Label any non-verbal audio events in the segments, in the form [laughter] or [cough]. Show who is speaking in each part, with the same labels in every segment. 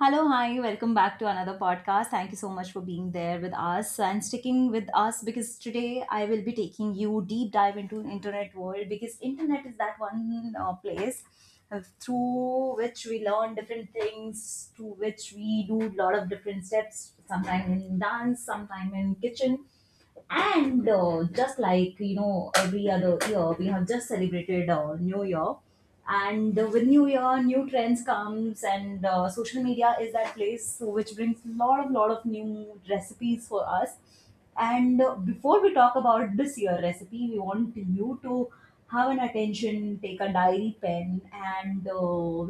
Speaker 1: Hello, hi, welcome back to another podcast. Thank you so much for being there with us and sticking with us because today I will be taking you deep dive into internet world because internet is that one place through which we learn different things, through which we do a lot of different steps, sometimes in dance, sometimes in kitchen. And just like you know, every other year we have just celebrated New Year, and with New Year, new trends comes, and social media is that place which brings lot of new recipes for us. And before we talk about this year recipe, we want you to have an attention, take a diary pen, and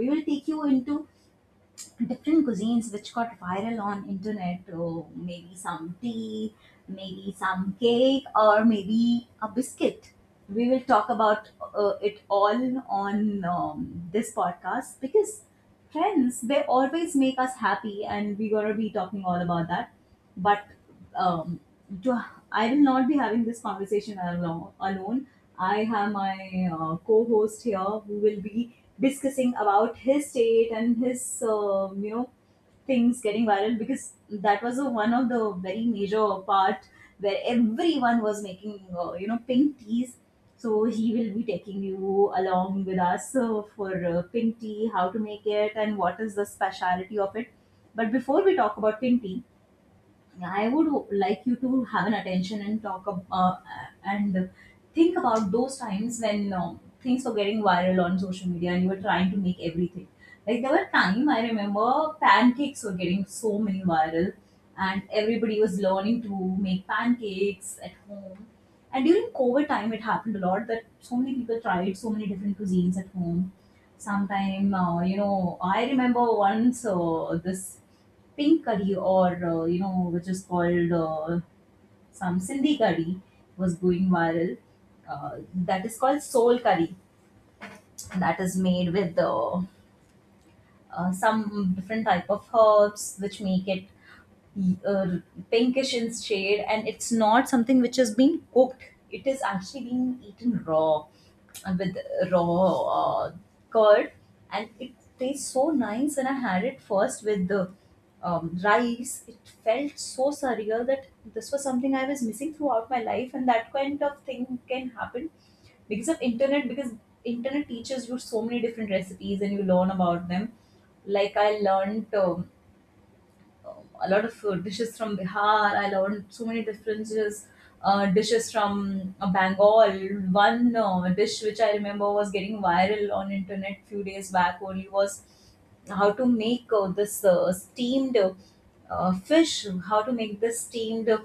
Speaker 1: we will take you into different cuisines which got viral on internet. Oh, maybe some tea, maybe some cake, or maybe a biscuit we will talk about. It all on this podcast because friends they always make us happy, and we're going to be talking all about that. But um, to, I will not be having this conversation alone. I have my co-host here who will be discussing about his state and his things getting viral because that was one of the very major part where everyone was making pink teas. So he will be taking you along with us for pink tea, how to make it, and what is the speciality of it. But before we talk about pink tea, yeah, I would like you to have an attention and talk and think about those times when things were getting viral on social media and you were trying to make everything. Like there were time I remember pancakes were getting so many viral, and everybody was learning to make pancakes at home. And during COVID time, it happened a lot that so many people tried so many different cuisines at home. Sometime I remember once this pink curry, or which is called some sindhi curry was going viral. uh, that is called soul curry, that is made with some different type of herbs which make it uh, pinkish in shade, and it's not something which has been cooked. It is actually being eaten raw, with raw uh, curd, and it tastes so nice. When I had it first with the rice, it felt so surreal that this was something I was missing throughout my life, and that kind of thing can happen because of internet, because internet teaches you so many different recipes and you learn about them. Like I learned a lot of dishes from Bihar. I learned so many different dishes, dishes from Bengal. One dish which I remember was getting viral on internet few days back only was how to make this steamed fish, how to make this steamed uh,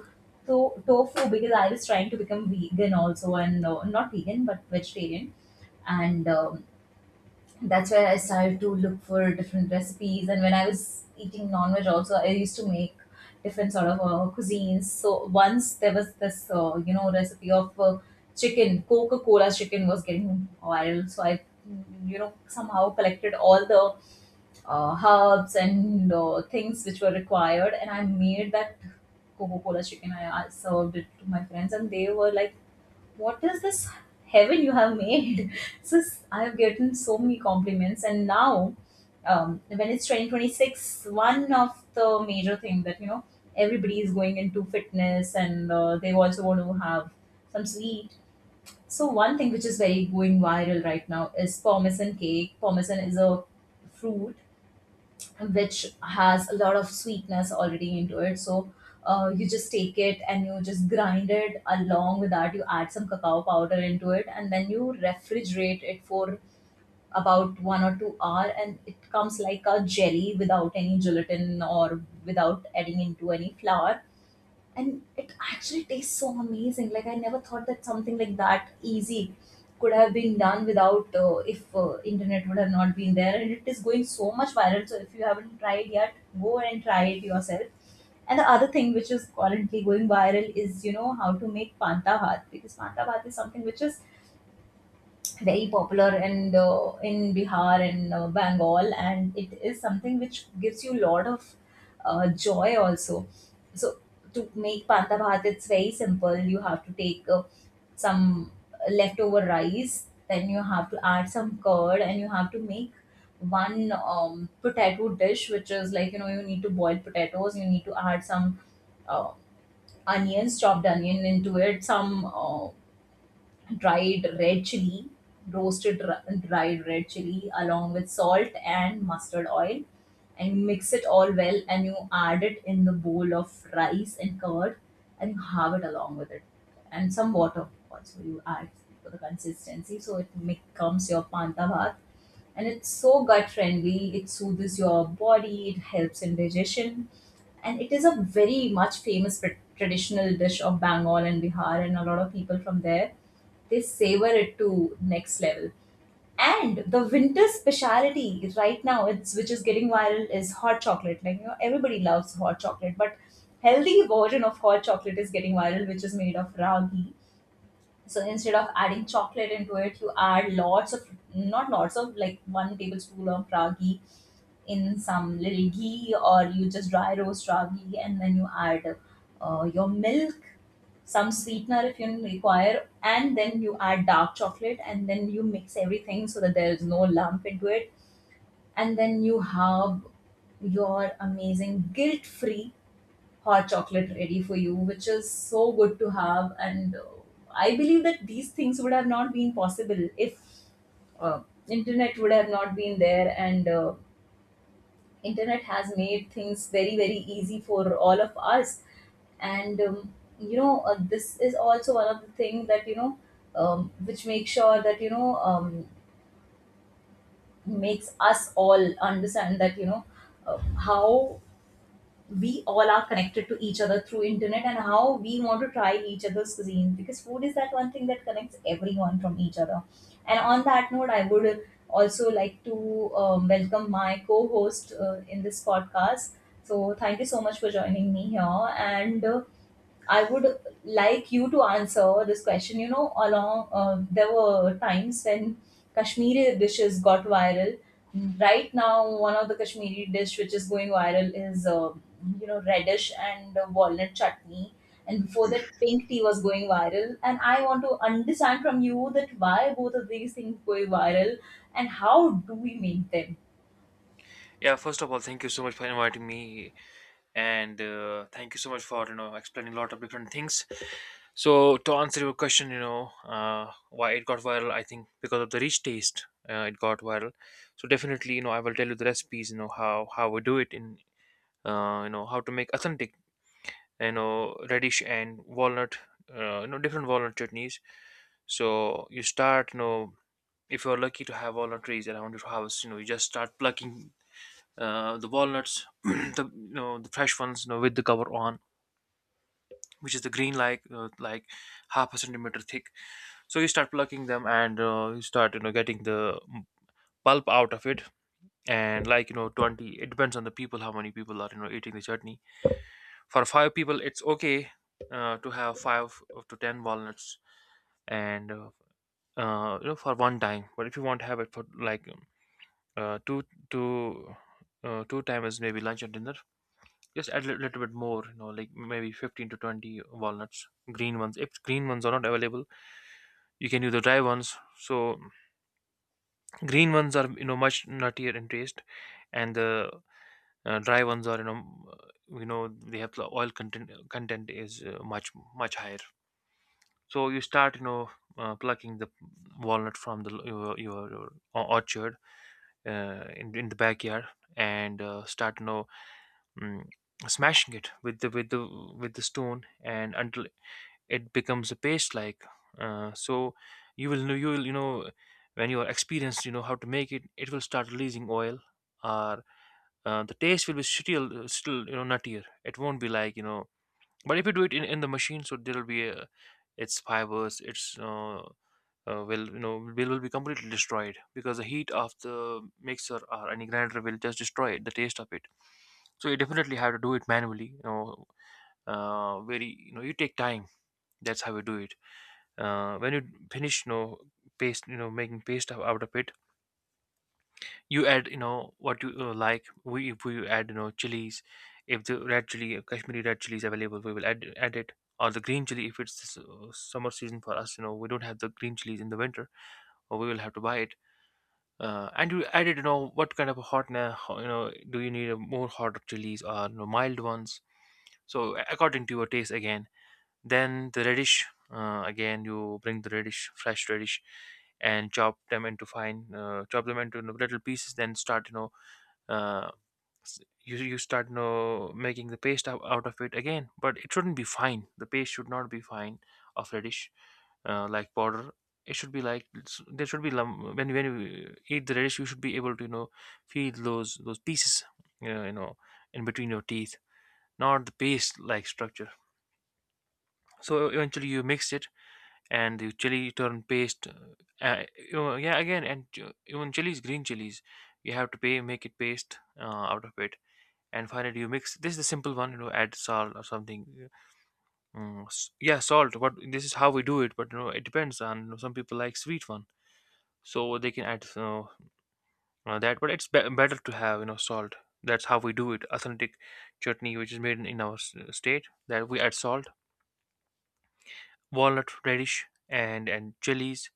Speaker 1: to- tofu, because I was trying to become vegan also, and not vegan but vegetarian, and that's where I started to look for different recipes. And when I was eating non-veg also, I used to make different sort of cuisines. So once there was this, recipe of chicken, Coca-Cola chicken was getting viral. So I somehow collected all the herbs and things which were required, and I made that Coca-Cola chicken. I served it to my friends, and they were like, what is this heaven you have made? [laughs] So I have gotten so many compliments, and now when it's 2026, one of the major thing that you know everybody is going into fitness, and they also want to have some sweet. So one thing which is very going viral right now is parmesan cake. Parmesan is a fruit which has a lot of sweetness already into it. So you just take it and you just grind it. Along with that, you add some cacao powder into it, and then you refrigerate it for about 1 or 2 hour, and it comes like a jelly without any gelatin or without adding into any flour, and it actually tastes so amazing. Like I never thought that something like that easy could have been done without if internet would have not been there. And it is going so much viral. So if you haven't tried yet, go and try it yourself. And the other thing which is currently going viral is you know how to make panta bhat, because panta bhat is something which is very popular and in Bihar and Bengal, and it is something which gives you a lot of joy also. So to make panta bhat, it's very simple. You have to take some leftover rice, then you have to add some curd, and you have to make one potato dish, which is like you know you need to boil potatoes, you need to add some uh, onions, chopped onion into it, some dried red chili, roasted dried red chili along with salt and mustard oil, and mix it all well, and you add it in the bowl of rice and curd, and you have it along with it, and some water also you add for the consistency, so it becomes your panta bhat. And it's so gut friendly, it soothes your body, it helps in digestion, and it is a very much famous traditional dish of Bengal and Bihar, and a lot of people from there, they savor it to next level. And the winter speciality right now, it's which is getting viral, is hot chocolate. Like you know, everybody loves hot chocolate, but healthy version of hot chocolate is getting viral, which is made of ragi. So instead of adding chocolate into it, you add lots of, not lots of, like one tablespoon of ragi in some little ghee, or you just dry roast raw ghee, and then you add your milk, some sweetener if you require, and then you add dark chocolate, and then you mix everything so that there is no lump into it, and then you have your amazing guilt free hot chocolate ready for you, which is so good to have. And I believe that these things would have not been possible if uh, internet would have not been there, and internet has made things very very easy for all of us. And you know, this is also one of the thing that you know, which makes sure that you know, makes us all understand that you know, how we all are connected to each other through internet, and how we want to try each other's cuisine, because food is that one thing that connects everyone from each other. And on that note, I would also like to welcome my co-host in this podcast. So thank you so much for joining me here, and I would like you to answer this question. You know, along there were times when Kashmiri dishes got viral. Right now, one of the Kashmiri dish which is going viral is radish and walnut chutney. And before that, pink tea was going viral. And I want to understand from you that why both of these things go viral and how do we make them?
Speaker 2: Yeah, first of all, thank you so much for inviting me, and thank you so much for explaining a lot of different things. So to answer your question, why it got viral, I think because of the rich taste, it got viral. So definitely, you know, I will tell you the recipes, you know how we do it in how to make authentic, you know, radish and walnut, different walnut chutneys. So you start, you know, if you're lucky to have walnut trees around your house, you know, you just start plucking the walnuts, [clears throat] the fresh ones, you know, with the cover on, which is the green like half a centimeter thick. So you start plucking them and you start getting the pulp out of it, and like you know 20, it depends on the people how many people are eating the chutney. For five people, it's okay to have five to ten walnuts and for one time. But if you want to have it for like uh, two two two times, maybe lunch and dinner, just add a little bit more, you know, like maybe 15 to 20 walnuts, green ones. If green ones are not available, you can use the dry ones. So green ones are, you know, much nuttier in taste, and the dry ones are, you know, they have the oil content is much higher. So you start, you know, plucking the walnut from the your orchard in the backyard, and start, you know, mm, smashing it with the with the stone, and until it becomes a paste like, so you will know, you will you know when you are experienced, you know how to make it. It will start releasing oil. Or the taste will be still nuttier, it won't be like but if you do it in the machine, so there will be a, its fibers, its will will be completely destroyed because the heat of the mixer or any grinder will just destroy it, the taste of it. So you definitely have to do it manually, you know, you take time. That's how you do it. When you finish, you know, paste, making paste out of it, you add, you know, what you like, we, if we add, you know, chilies. If the red chili, kashmiri red chili is available, we will add it. Or the green chili, if it's summer season for us, you know, we don't have the green chilies in the winter, or we will have to buy it. And you added, you know, what kind of a you know, do you need a more hot chilies or, you know, mild ones. So according to your taste again. Then the radish, again you bring the radish, fresh radish, and chop them into chop them into little pieces. Then start, you know, uh, s- you start, you know, making the paste out of it again. But it shouldn't be fine. The paste should not be fine, of radish, like powder. It should be like there should be when you eat the radish, you should be able to, you know, feel those pieces, you know, you know in between your teeth, not the paste like structure. So eventually you mix it, and the chili turn paste. Uh, yeah, again, and even chilies, green chilies, you have to pay make it paste out of it. And finally, you mix. This is the simple one, you know. Add salt or something. Yeah. Yeah, salt. But this is how we do it. But you know, it depends on. You know, some people like sweet one, so they can add, you know, that. But it's better to have, you know, salt. That's how we do it. Authentic chutney, which is made in our state, that we add salt, walnut, radish, and chilies.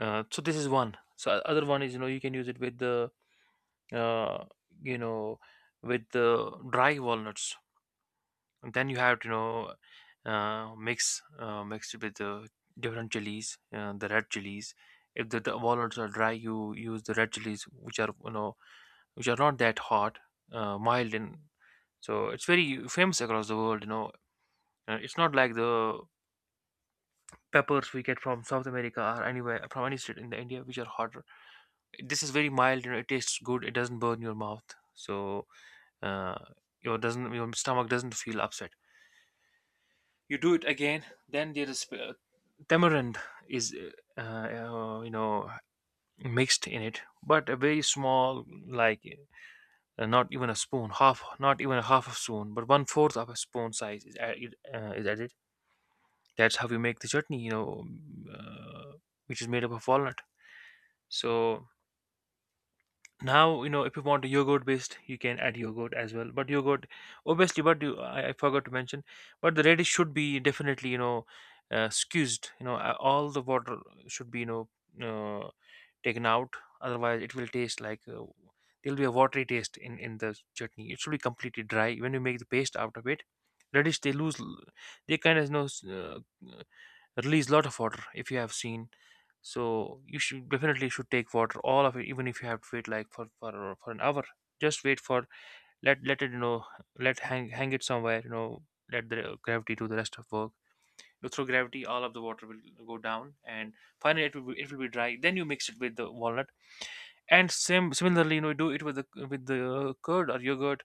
Speaker 2: So this is one. So other one is, you know, you can use it with the uh, you know with the dry walnuts. And then you have to, you know, mix it with the different chilies, the red chilies. If the walnuts are dry, you use the red chilies, which are, you know, which are not that hot, mild, and so it's very famous across the world. You know, it's not like the peppers we get from South America or anywhere from any state in the India, which are hot. This is very mild, you know, it tastes good, it doesn't burn your mouth. So uh, your doesn't your stomach doesn't feel upset. You do it again. Then there is tamarind is you know, mixed in it, but a very small, like not even a spoon, half, not even a half a spoon, but one fourth of a spoon size is is added. That's how we make the chutney, you know, uh, which is made up of walnut. So now, you know, if you want yogurt based, you can add yogurt as well. But yogurt, obviously, but you I forgot to mention, but the radish should be definitely, you know, squeezed, you know, all the water should be, you know, uh, taken out. Otherwise it will taste like, there'll be a watery taste in the chutney. It should be completely dry when you make the paste out of it. Radish, they lose, they kind of, you know, release lot of water, if you have seen. So you should definitely should take water all of it. Even if you have to wait like for an hour, just wait for, let it, you know, let hang it somewhere, you know, let the gravity do the rest of work. You know, through gravity all of the water will go down, and finally it will be dry. Then you mix it with the walnut, and similarly, you know, do it with the curd or yogurt.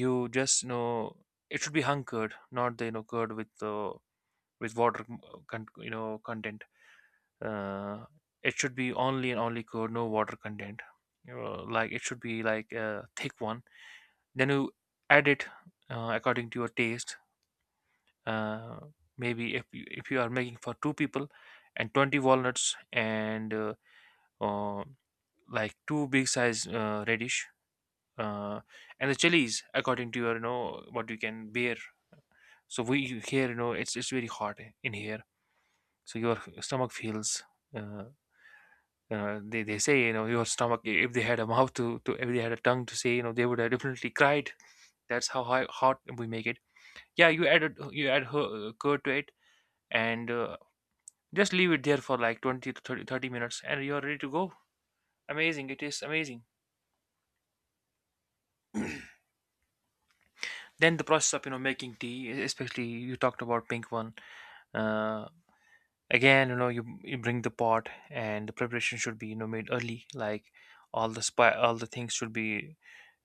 Speaker 2: You just, you know, it should be hung curd, not the, you know, curd with the with water you know, content. uh, it should be only and only code, no water content. Like it should be like a thick one. Then you add it according to your taste. uh, Maybe if if you are making for two people and 20 walnuts and uh, like two big size radish, uh, and the chilies according to your, you know, what you can bear. So we here, you know, it's very hot in here. So your stomach feels uh, they say, you know, your stomach, if they had a mouth to, if they had a tongue to say, you know, they would have definitely cried. That's how hot we make it. Yeah, you add curd to it, and just leave it there for like 20 to thirty minutes and you're ready to go. Amazing, it is amazing. Then the process of, you know, making tea, especially you talked about pink one. uh, Again, you know, you bring the pot and the preparation should be, you know, made early, like all the spy all the things should be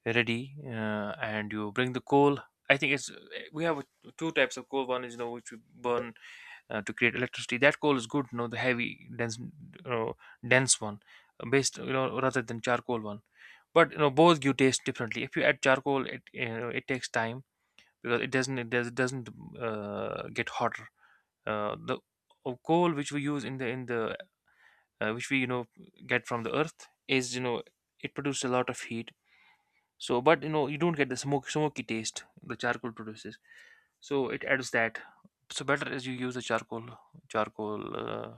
Speaker 2: ready. And you bring the coal. I think it's, we have two types of coal. One is, you know, which we burn to create electricity. That coal is good, you know, the heavy dense, you know, dense one, based, you know, rather than charcoal one. But you know, both give taste differently. If you add charcoal, it, you know, it takes time because it doesn't, it doesn't get hotter. The Coal which we use in the which we, you know, get from the earth is, you know, it produces a lot of heat. So, but you know, you don't get the smoke, smoky taste the charcoal produces. So it adds that. So better is you use the charcoal, charcoal, uh,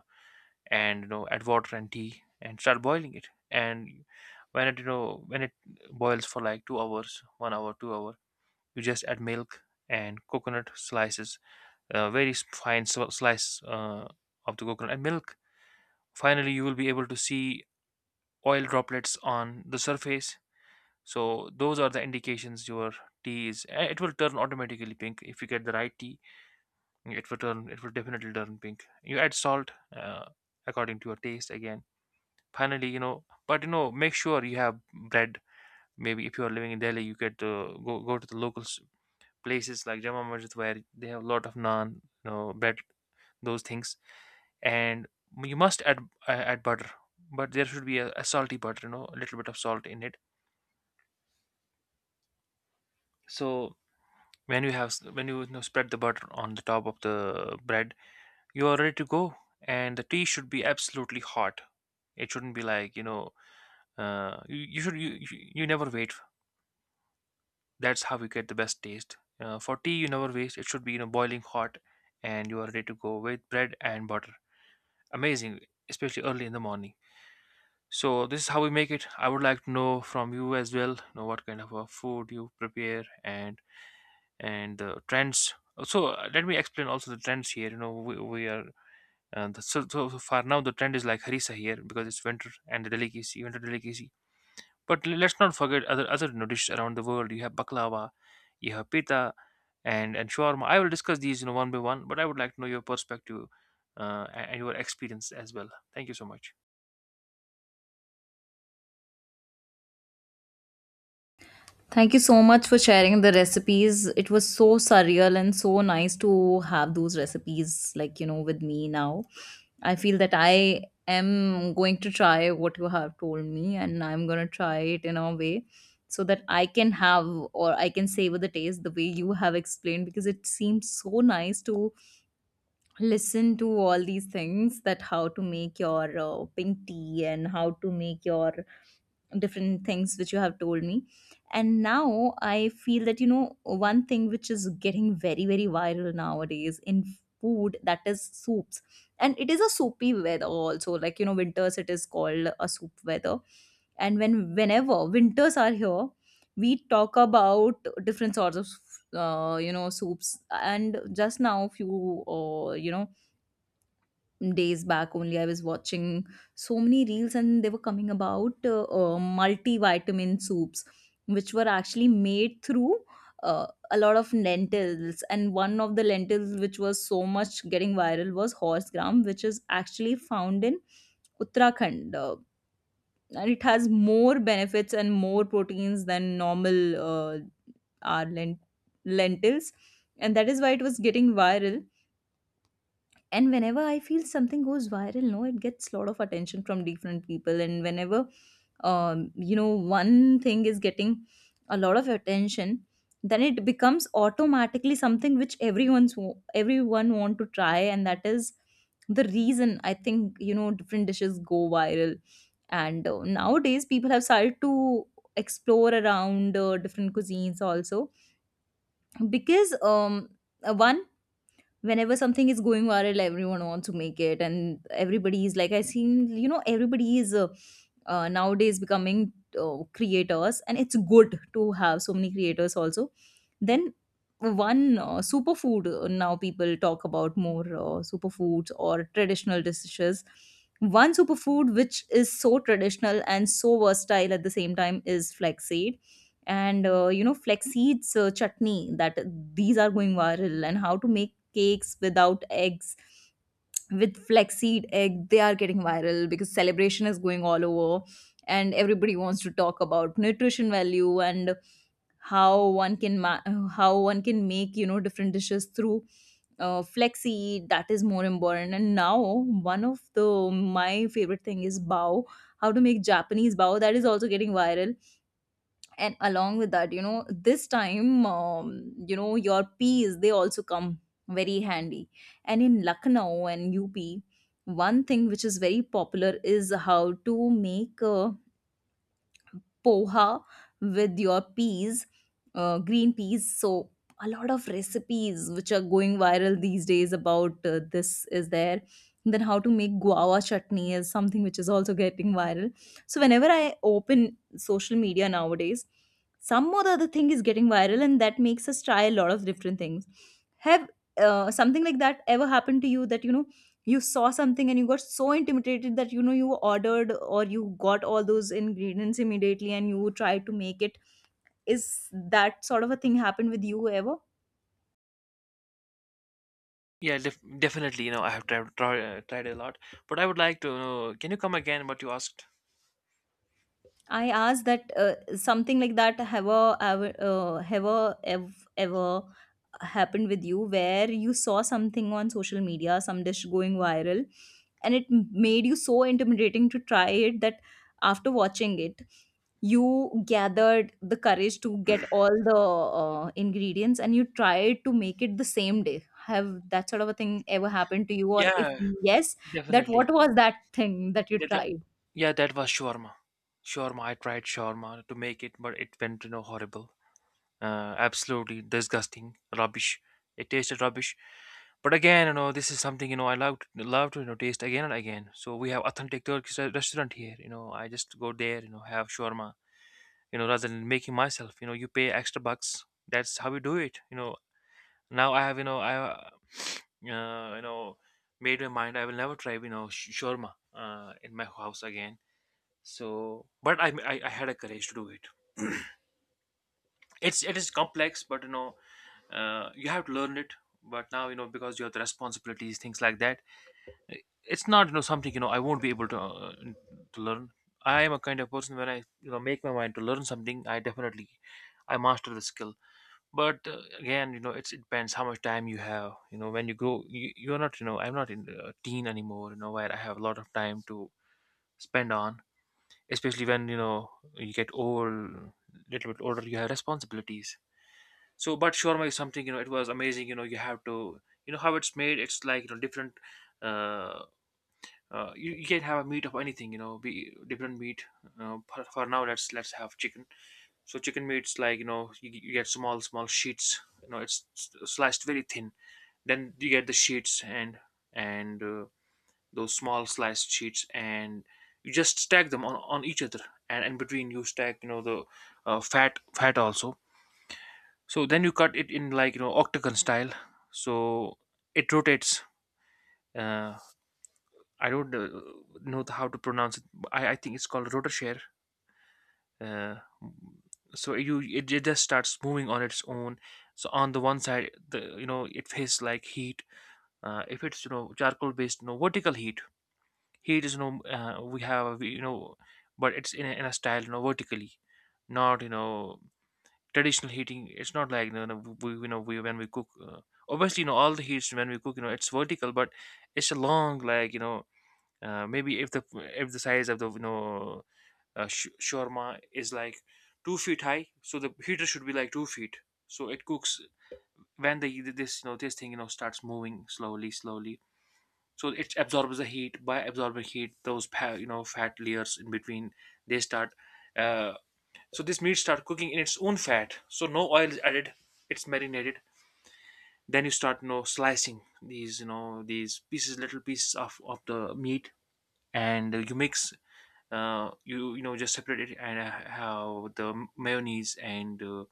Speaker 2: and you know, add water and tea and start boiling it. And when it, when it boils for like 2 hours, 1 hour, 2 hour, you just add milk and coconut slices, very s- fine sl- slice of the coconut and milk. Finally, you will be able to see oil droplets on the surface. So those are the indications your tea is. It will turn automatically pink if you get the right tea. It will turn. It will definitely turn pink. You add salt according to your taste again. Finally, make sure you have bread. Maybe if you are living in Delhi, you get to go to the places like Jama Masjid where they have a lot of naan, you know, bread, those things, and you must add add butter. But there should be a salty butter, you know, a little bit of salt in it. So when you have when you know, spread the butter on the top of the bread, you are ready to go, and the tea should be absolutely hot. It shouldn't be like, you know, uh, you, you should you, you you never wait. That's how you get the best taste for tea. You never waste. It should be, you know, boiling hot, and you are ready to go with bread and butter. Amazing, especially early in the morning. So this is how we make it. I would like to know from you as well, you know, what kind of a food you prepare and the trends. So let me explain also the trends here. You know, we are the, so, so so far now the trend is like harissa here because it's winter and the delicacy, winter delicacy. But let's not forget other, you know, dishes around the world. You have baklava, you have pita, and shawarma. I will discuss these, you know, one by one. But I would like to know your perspective and your experience as well. Thank you so much.
Speaker 1: Thank you so much for sharing the recipes. It was so surreal and so nice to have those recipes, like, you know, with me now. I feel that I am going to try what you have told me, and I'm going to try it in a way so that I can have, or I can savor the taste the way you have explained, because it seems so nice to listen to all these things, that how to make your pink tea and how to make your different things which you have told me. And now I feel that you know one thing which is getting very, very viral nowadays in food, that is soups. And it is a soupy weather also, like, you know, winters, it is called a soup weather. And when whenever winters are here, we talk about different sorts of you know, soups. And just now, few you know, days back only, I was watching so many reels and they were coming about multivitamin soups, which were actually made through a lot of lentils. And one of the lentils which was so much getting viral was horse gram, which is actually found in Uttarakhand, and it has more benefits and more proteins than normal uh, our lent- lentils, and that is why it was getting viral. And whenever I feel something goes viral, no, it gets a lot of attention from different people. And whenever you know, one thing is getting a lot of attention, then it becomes automatically something which everyone want to try, and that is the reason, I think, you know, different dishes go viral. And nowadays people have started to explore around different cuisines also, because one whenever something is going viral, everyone wants to make it, and everybody is like, I seen, you know, everybody is nowadays becoming creators, and it's good to have so many creators also. Then one superfood, now people talk about more superfoods or traditional dishes. One superfood which is so traditional and so versatile at the same time is flaxseed. And you know, flaxseeds chutney, that these are going viral, and how to make cakes without eggs, with flaxseed egg, they are getting viral, because celebration is going all over and everybody wants to talk about nutrition value and how one can ma- how one can make, you know, different dishes through flaxseed, that is more important. And now one of the my favorite thing is bao, how to make Japanese bao, that is also getting viral. And along with that, you know, this time, you know, your peas, they also come very handy. And in Lucknow and UP, one thing which is very popular is how to make poha with your peas, green peas. So a lot of recipes which are going viral these days about this is there. Then how to make guava chutney is something which is also getting viral. So whenever I open social media nowadays, some or the other thing is getting viral, and that makes us try a lot of different things. Have something like that ever happened to you, that you know, you saw something and you got so intimidated that, you know, you ordered or you got all those ingredients immediately and you tried to make it? Is that sort of a thing happened with you ever?
Speaker 2: Yeah, definitely. You know, I have tried a lot, but I would like to know. Can you come again? What you asked?
Speaker 1: I asked that something like that, ever happened with you, where you saw something on social media, some dish going viral, and it made you so intimidating to try it, that after watching it, you gathered the courage to get all the ingredients and you tried to make it the same day. Have that sort of a thing ever happened to you? Or if
Speaker 2: Yeah,
Speaker 1: yes, that
Speaker 2: definitely.
Speaker 1: what was that thing that you
Speaker 2: That,
Speaker 1: tried?
Speaker 2: Yeah, that was shawarma. Shawarma. I tried shawarma to make it, but it went, you know, horrible. Absolutely disgusting, rubbish. It tasted rubbish. But again, you know, this is something, you know, I love to, you know, taste again and again. So we have authentic Turkish restaurant here. You know, I just go there. You know, have shawarma. You know, rather than making myself. You know, you pay extra bucks. That's how we do it. You know, now I have, you know, I [sniffs] uh, you know made my mind. I will never try, you know, shawarma in my house again. So but I had a courage to do it. It is complex, but, you know, you have to learn it. But now, you know, because you have the responsibilities, things like that, it's not, you know, something, you know, I won't be able to learn. I am a kind of person. When I, you know, make my mind to learn something, I definitely I master the skill. But again, you know, it's it depends how much time you have. You know, when you grow, you're not, you know, I'm not in a teen anymore, you know, where I have a lot of time to spend on, especially when, you know, you get old, little bit older, you have responsibilities. So but shawarma is something, you know, it was amazing. You know, you have to, you know, how it's made, it's like, you know, different uh, you can have a meat of anything, you know, be different meat. For now, let's have chicken. So chicken meat's like, you know, you get small small sheets, you know, it's sliced very thin. Then you get the sheets and those small sliced sheets, and you just stack them on each other, and in between you stack, you know, the fat also. So then you cut it in like, you know, octagon style. So it rotates. Uh, i don't uh, know how to pronounce it. I think it's called rotor share. uh, so you it just starts moving on its own. So on the one side, the, you know, it faces like heat. Uh, if it's, you know, charcoal based, you know, vertical heat. Heat is, you know, we have, you know, but it's in in a style, you know, vertically, not, you know, traditional heating. It's not like, you know, we you know we when we cook, obviously, you know, all the heats, when we cook, you know, it's vertical but it's a long, like, you know, maybe if the size of the, you know, shawarma is like 2 feet high, so the heater should be like 2 feet. So it cooks. When the this, you know, this thing, you know, starts moving slowly slowly, so it absorbs the heat. By absorbing heat, those you know, fat layers in between, they start uh, so this meat start cooking in its own fat, so no oil is added. It's marinated. Then you start, you know, slicing these, you know, these pieces, little pieces of the meat, and you mix you know, just separate it and how the mayonnaise and uh,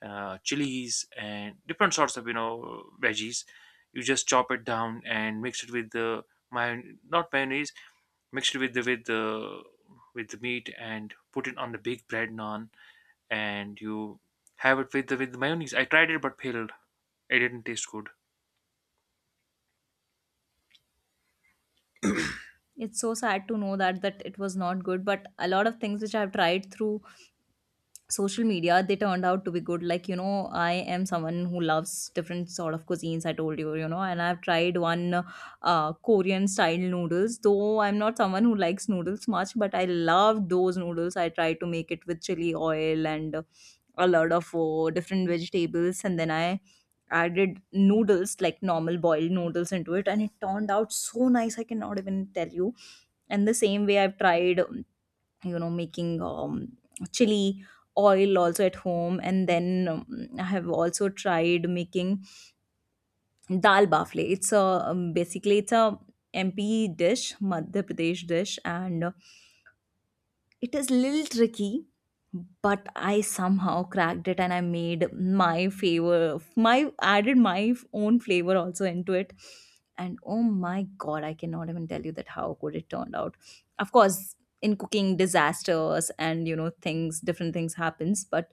Speaker 2: uh, chilies and different sorts of, you know, veggies. You just chop it down and mix it with the my not mayonnaise, mixed with the with the meat and put it on the big bread naan, and you have it with the mayonnaise. I tried it but failed. It didn't taste good.
Speaker 1: It's so sad to know that that it was not good, but a lot of things which I've tried through social media, they turned out to be good. Like, you know, I am someone who loves different sort of cuisines, I told you, you know, and I've tried one Korean style noodles, though I'm not someone who likes noodles much, but I love those noodles. I tried to make it with chili oil and a lot of different vegetables, and then I added noodles, like normal boiled noodles, into it, and it turned out so nice, I cannot even tell you. And the same way, I've tried you know, making chili oil also at home. And then I have also tried making dal bafle. It's a basically it's a MP dish, Madhya Pradesh dish, and it is little tricky, but I somehow cracked it, and I made my favor my added my own flavor also into it. And oh my god, I cannot even tell you that how good it turned out. Of course, in cooking, disasters and, you know, things, different things happens, but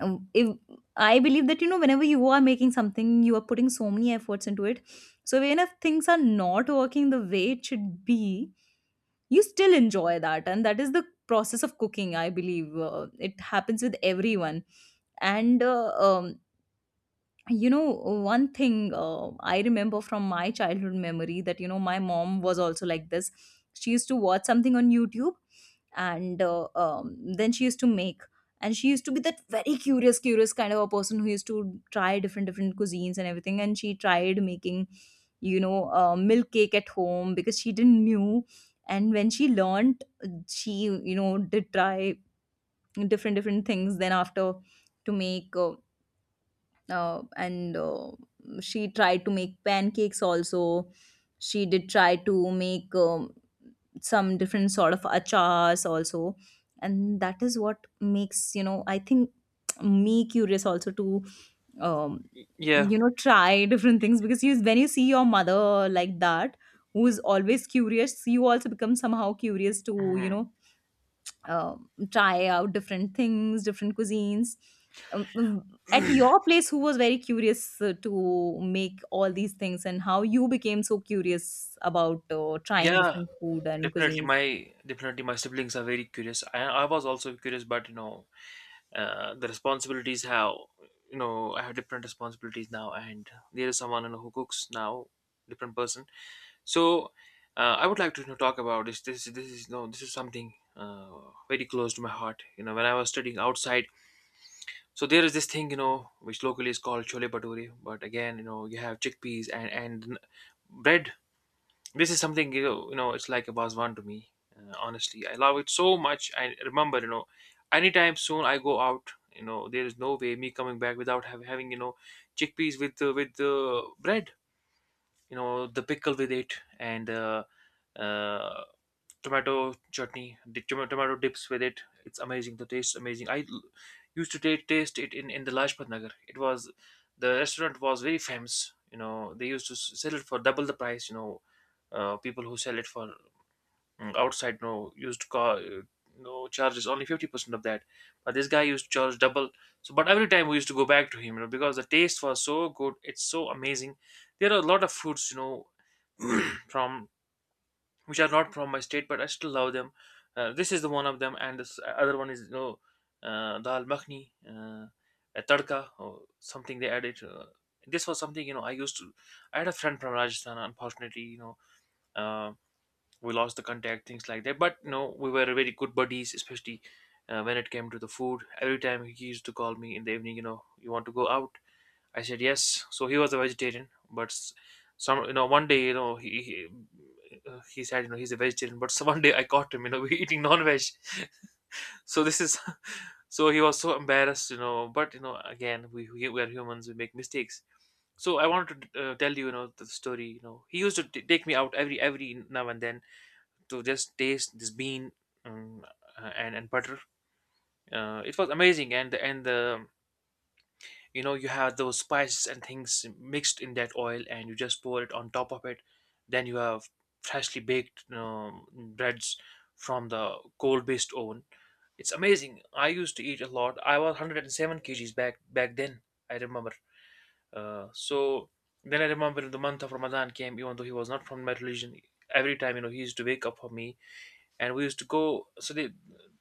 Speaker 1: if I believe that, you know, whenever you are making something, you are putting so many efforts into it, so even if things are not working the way it should be, you still enjoy that, and that is the process of cooking, I believe. It happens with everyone. And you know, one thing, I remember from my childhood memory, that you know, my mom was also like this. She used to watch something on YouTube, and then she used to make, and she used to be that very curious, curious kind of a person, who used to try different, different cuisines and everything. And she tried making, you know, milk cake at home, because she didn't knew, and when she learned, she, you know, did try different, different things, then after, to make and she tried to make pancakes also. She did try to make some different sort of achars also. And that is what makes, you know, I think, me curious also to um,
Speaker 2: Yeah.
Speaker 1: you know, try [laughs] different things, because you, when you see your mother like that, who is always curious, you also become somehow curious to, you
Speaker 2: Mhm.
Speaker 1: know, try out different things, different cuisines. Um, mm, at your place, who was very curious to make all these things, and how you became so curious about trying
Speaker 2: Yeah,
Speaker 1: different food and
Speaker 2: definitely.
Speaker 1: cuisines?
Speaker 2: My Definitely my siblings are very curious. I was also curious, but, you know, the responsibilities how, you know, I have different responsibilities now, and there is someone, you know, who cooks now, different person. So I would like to, you know, talk about This is no this is something very close to my heart. You know, when I was studying outside, so there is this thing, you know, which locally is called chole bhature, but again, you know, you have chickpeas and bread. This is something, you know, you know, it's like a was one to me. Honestly, I love it so much. I remember, you know, anytime soon I go out. You know, there is no way me coming back without having, you know, chickpeas with bread. You know, the pickle with it and uh, tomato chutney, the tomato dips with it. It's amazing. The taste is amazing. Used to taste it in the Lajpat Nagar. It was The restaurant was very famous. You know, they used to sell it for double the price. You know, people who sell it for, outside, you know, used to call. No charges, only 50% of that, but this guy used to charge double. So but every time we used to go back to him, you know, because the taste was so good, it's so amazing. There are a lot of foods, you know, [clears throat] from which are not from my state, but I still love them. This is the one of them, and this other one is, you know, dal makhni, a tadka or something they added. This was something, you know, I used to. I had a friend from Rajasthan. Unfortunately, you know, uh, we lost the contact, things like that. But you know, we were very good buddies, especially. When it came to the food, every time he used to call me in the evening, you know, you want to go out? I said yes. So he was a vegetarian, but some, you know, one day, you know, he said, you know, he's a vegetarian, but [laughs] so one day I caught him, you know, [laughs] eating non-veg. [laughs] So this is [laughs] so he was so embarrassed, you know. But you know, again, we are humans, we make mistakes. So I wanted to tell you, you know, the story. You know, he used to take me out every now and then to just taste this bean um, and butter. It was amazing, and the, you know, you have those spices and things mixed in that oil, and you just pour it on top of it. Then you have freshly baked breads from the coal based oven. It's amazing. I used to eat a lot. I was 107 kgs back then, I remember. So then I remember the month of Ramadan came. Even though he was not from my religion, every time, you know, he used to wake up for me, and we used to go. So they,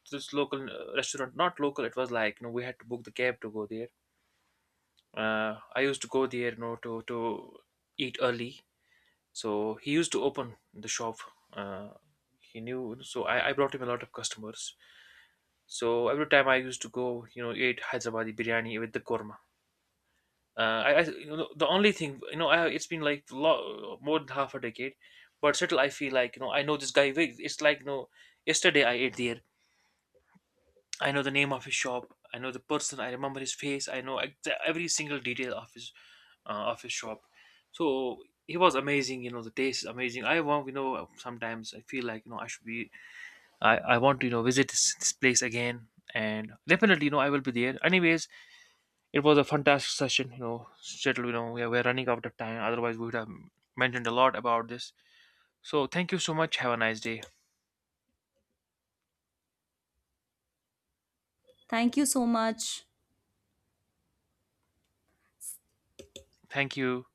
Speaker 2: this local restaurant, not local, it was like, you know, we had to book the cab to go there. Uh, I used to go there, you know, to eat early. So he used to open the shop. Uh, he knew, so I brought him a lot of customers. So every time I used to go, you know, eat Hyderabadi biryani with the korma. Uh, you know, the only thing, you know, I, it's been like more than half a decade, but still I feel like, you know, I know this guy. It's like, you know, yesterday I ate there. I know the name of his shop. I know the person. I remember his face. I know every single detail of his of shop. So he was amazing. You know, the taste is amazing. I want, you know, sometimes I feel like, you know, I should be. I want to, you know, visit this place again. And definitely, you know, I will be there. Anyways, it was a fantastic session. You know, Settle, you know, we are running out of time. Otherwise, we would have mentioned a lot about this. So, thank you so much. Have a nice day.
Speaker 1: Thank you so much.
Speaker 2: Thank you.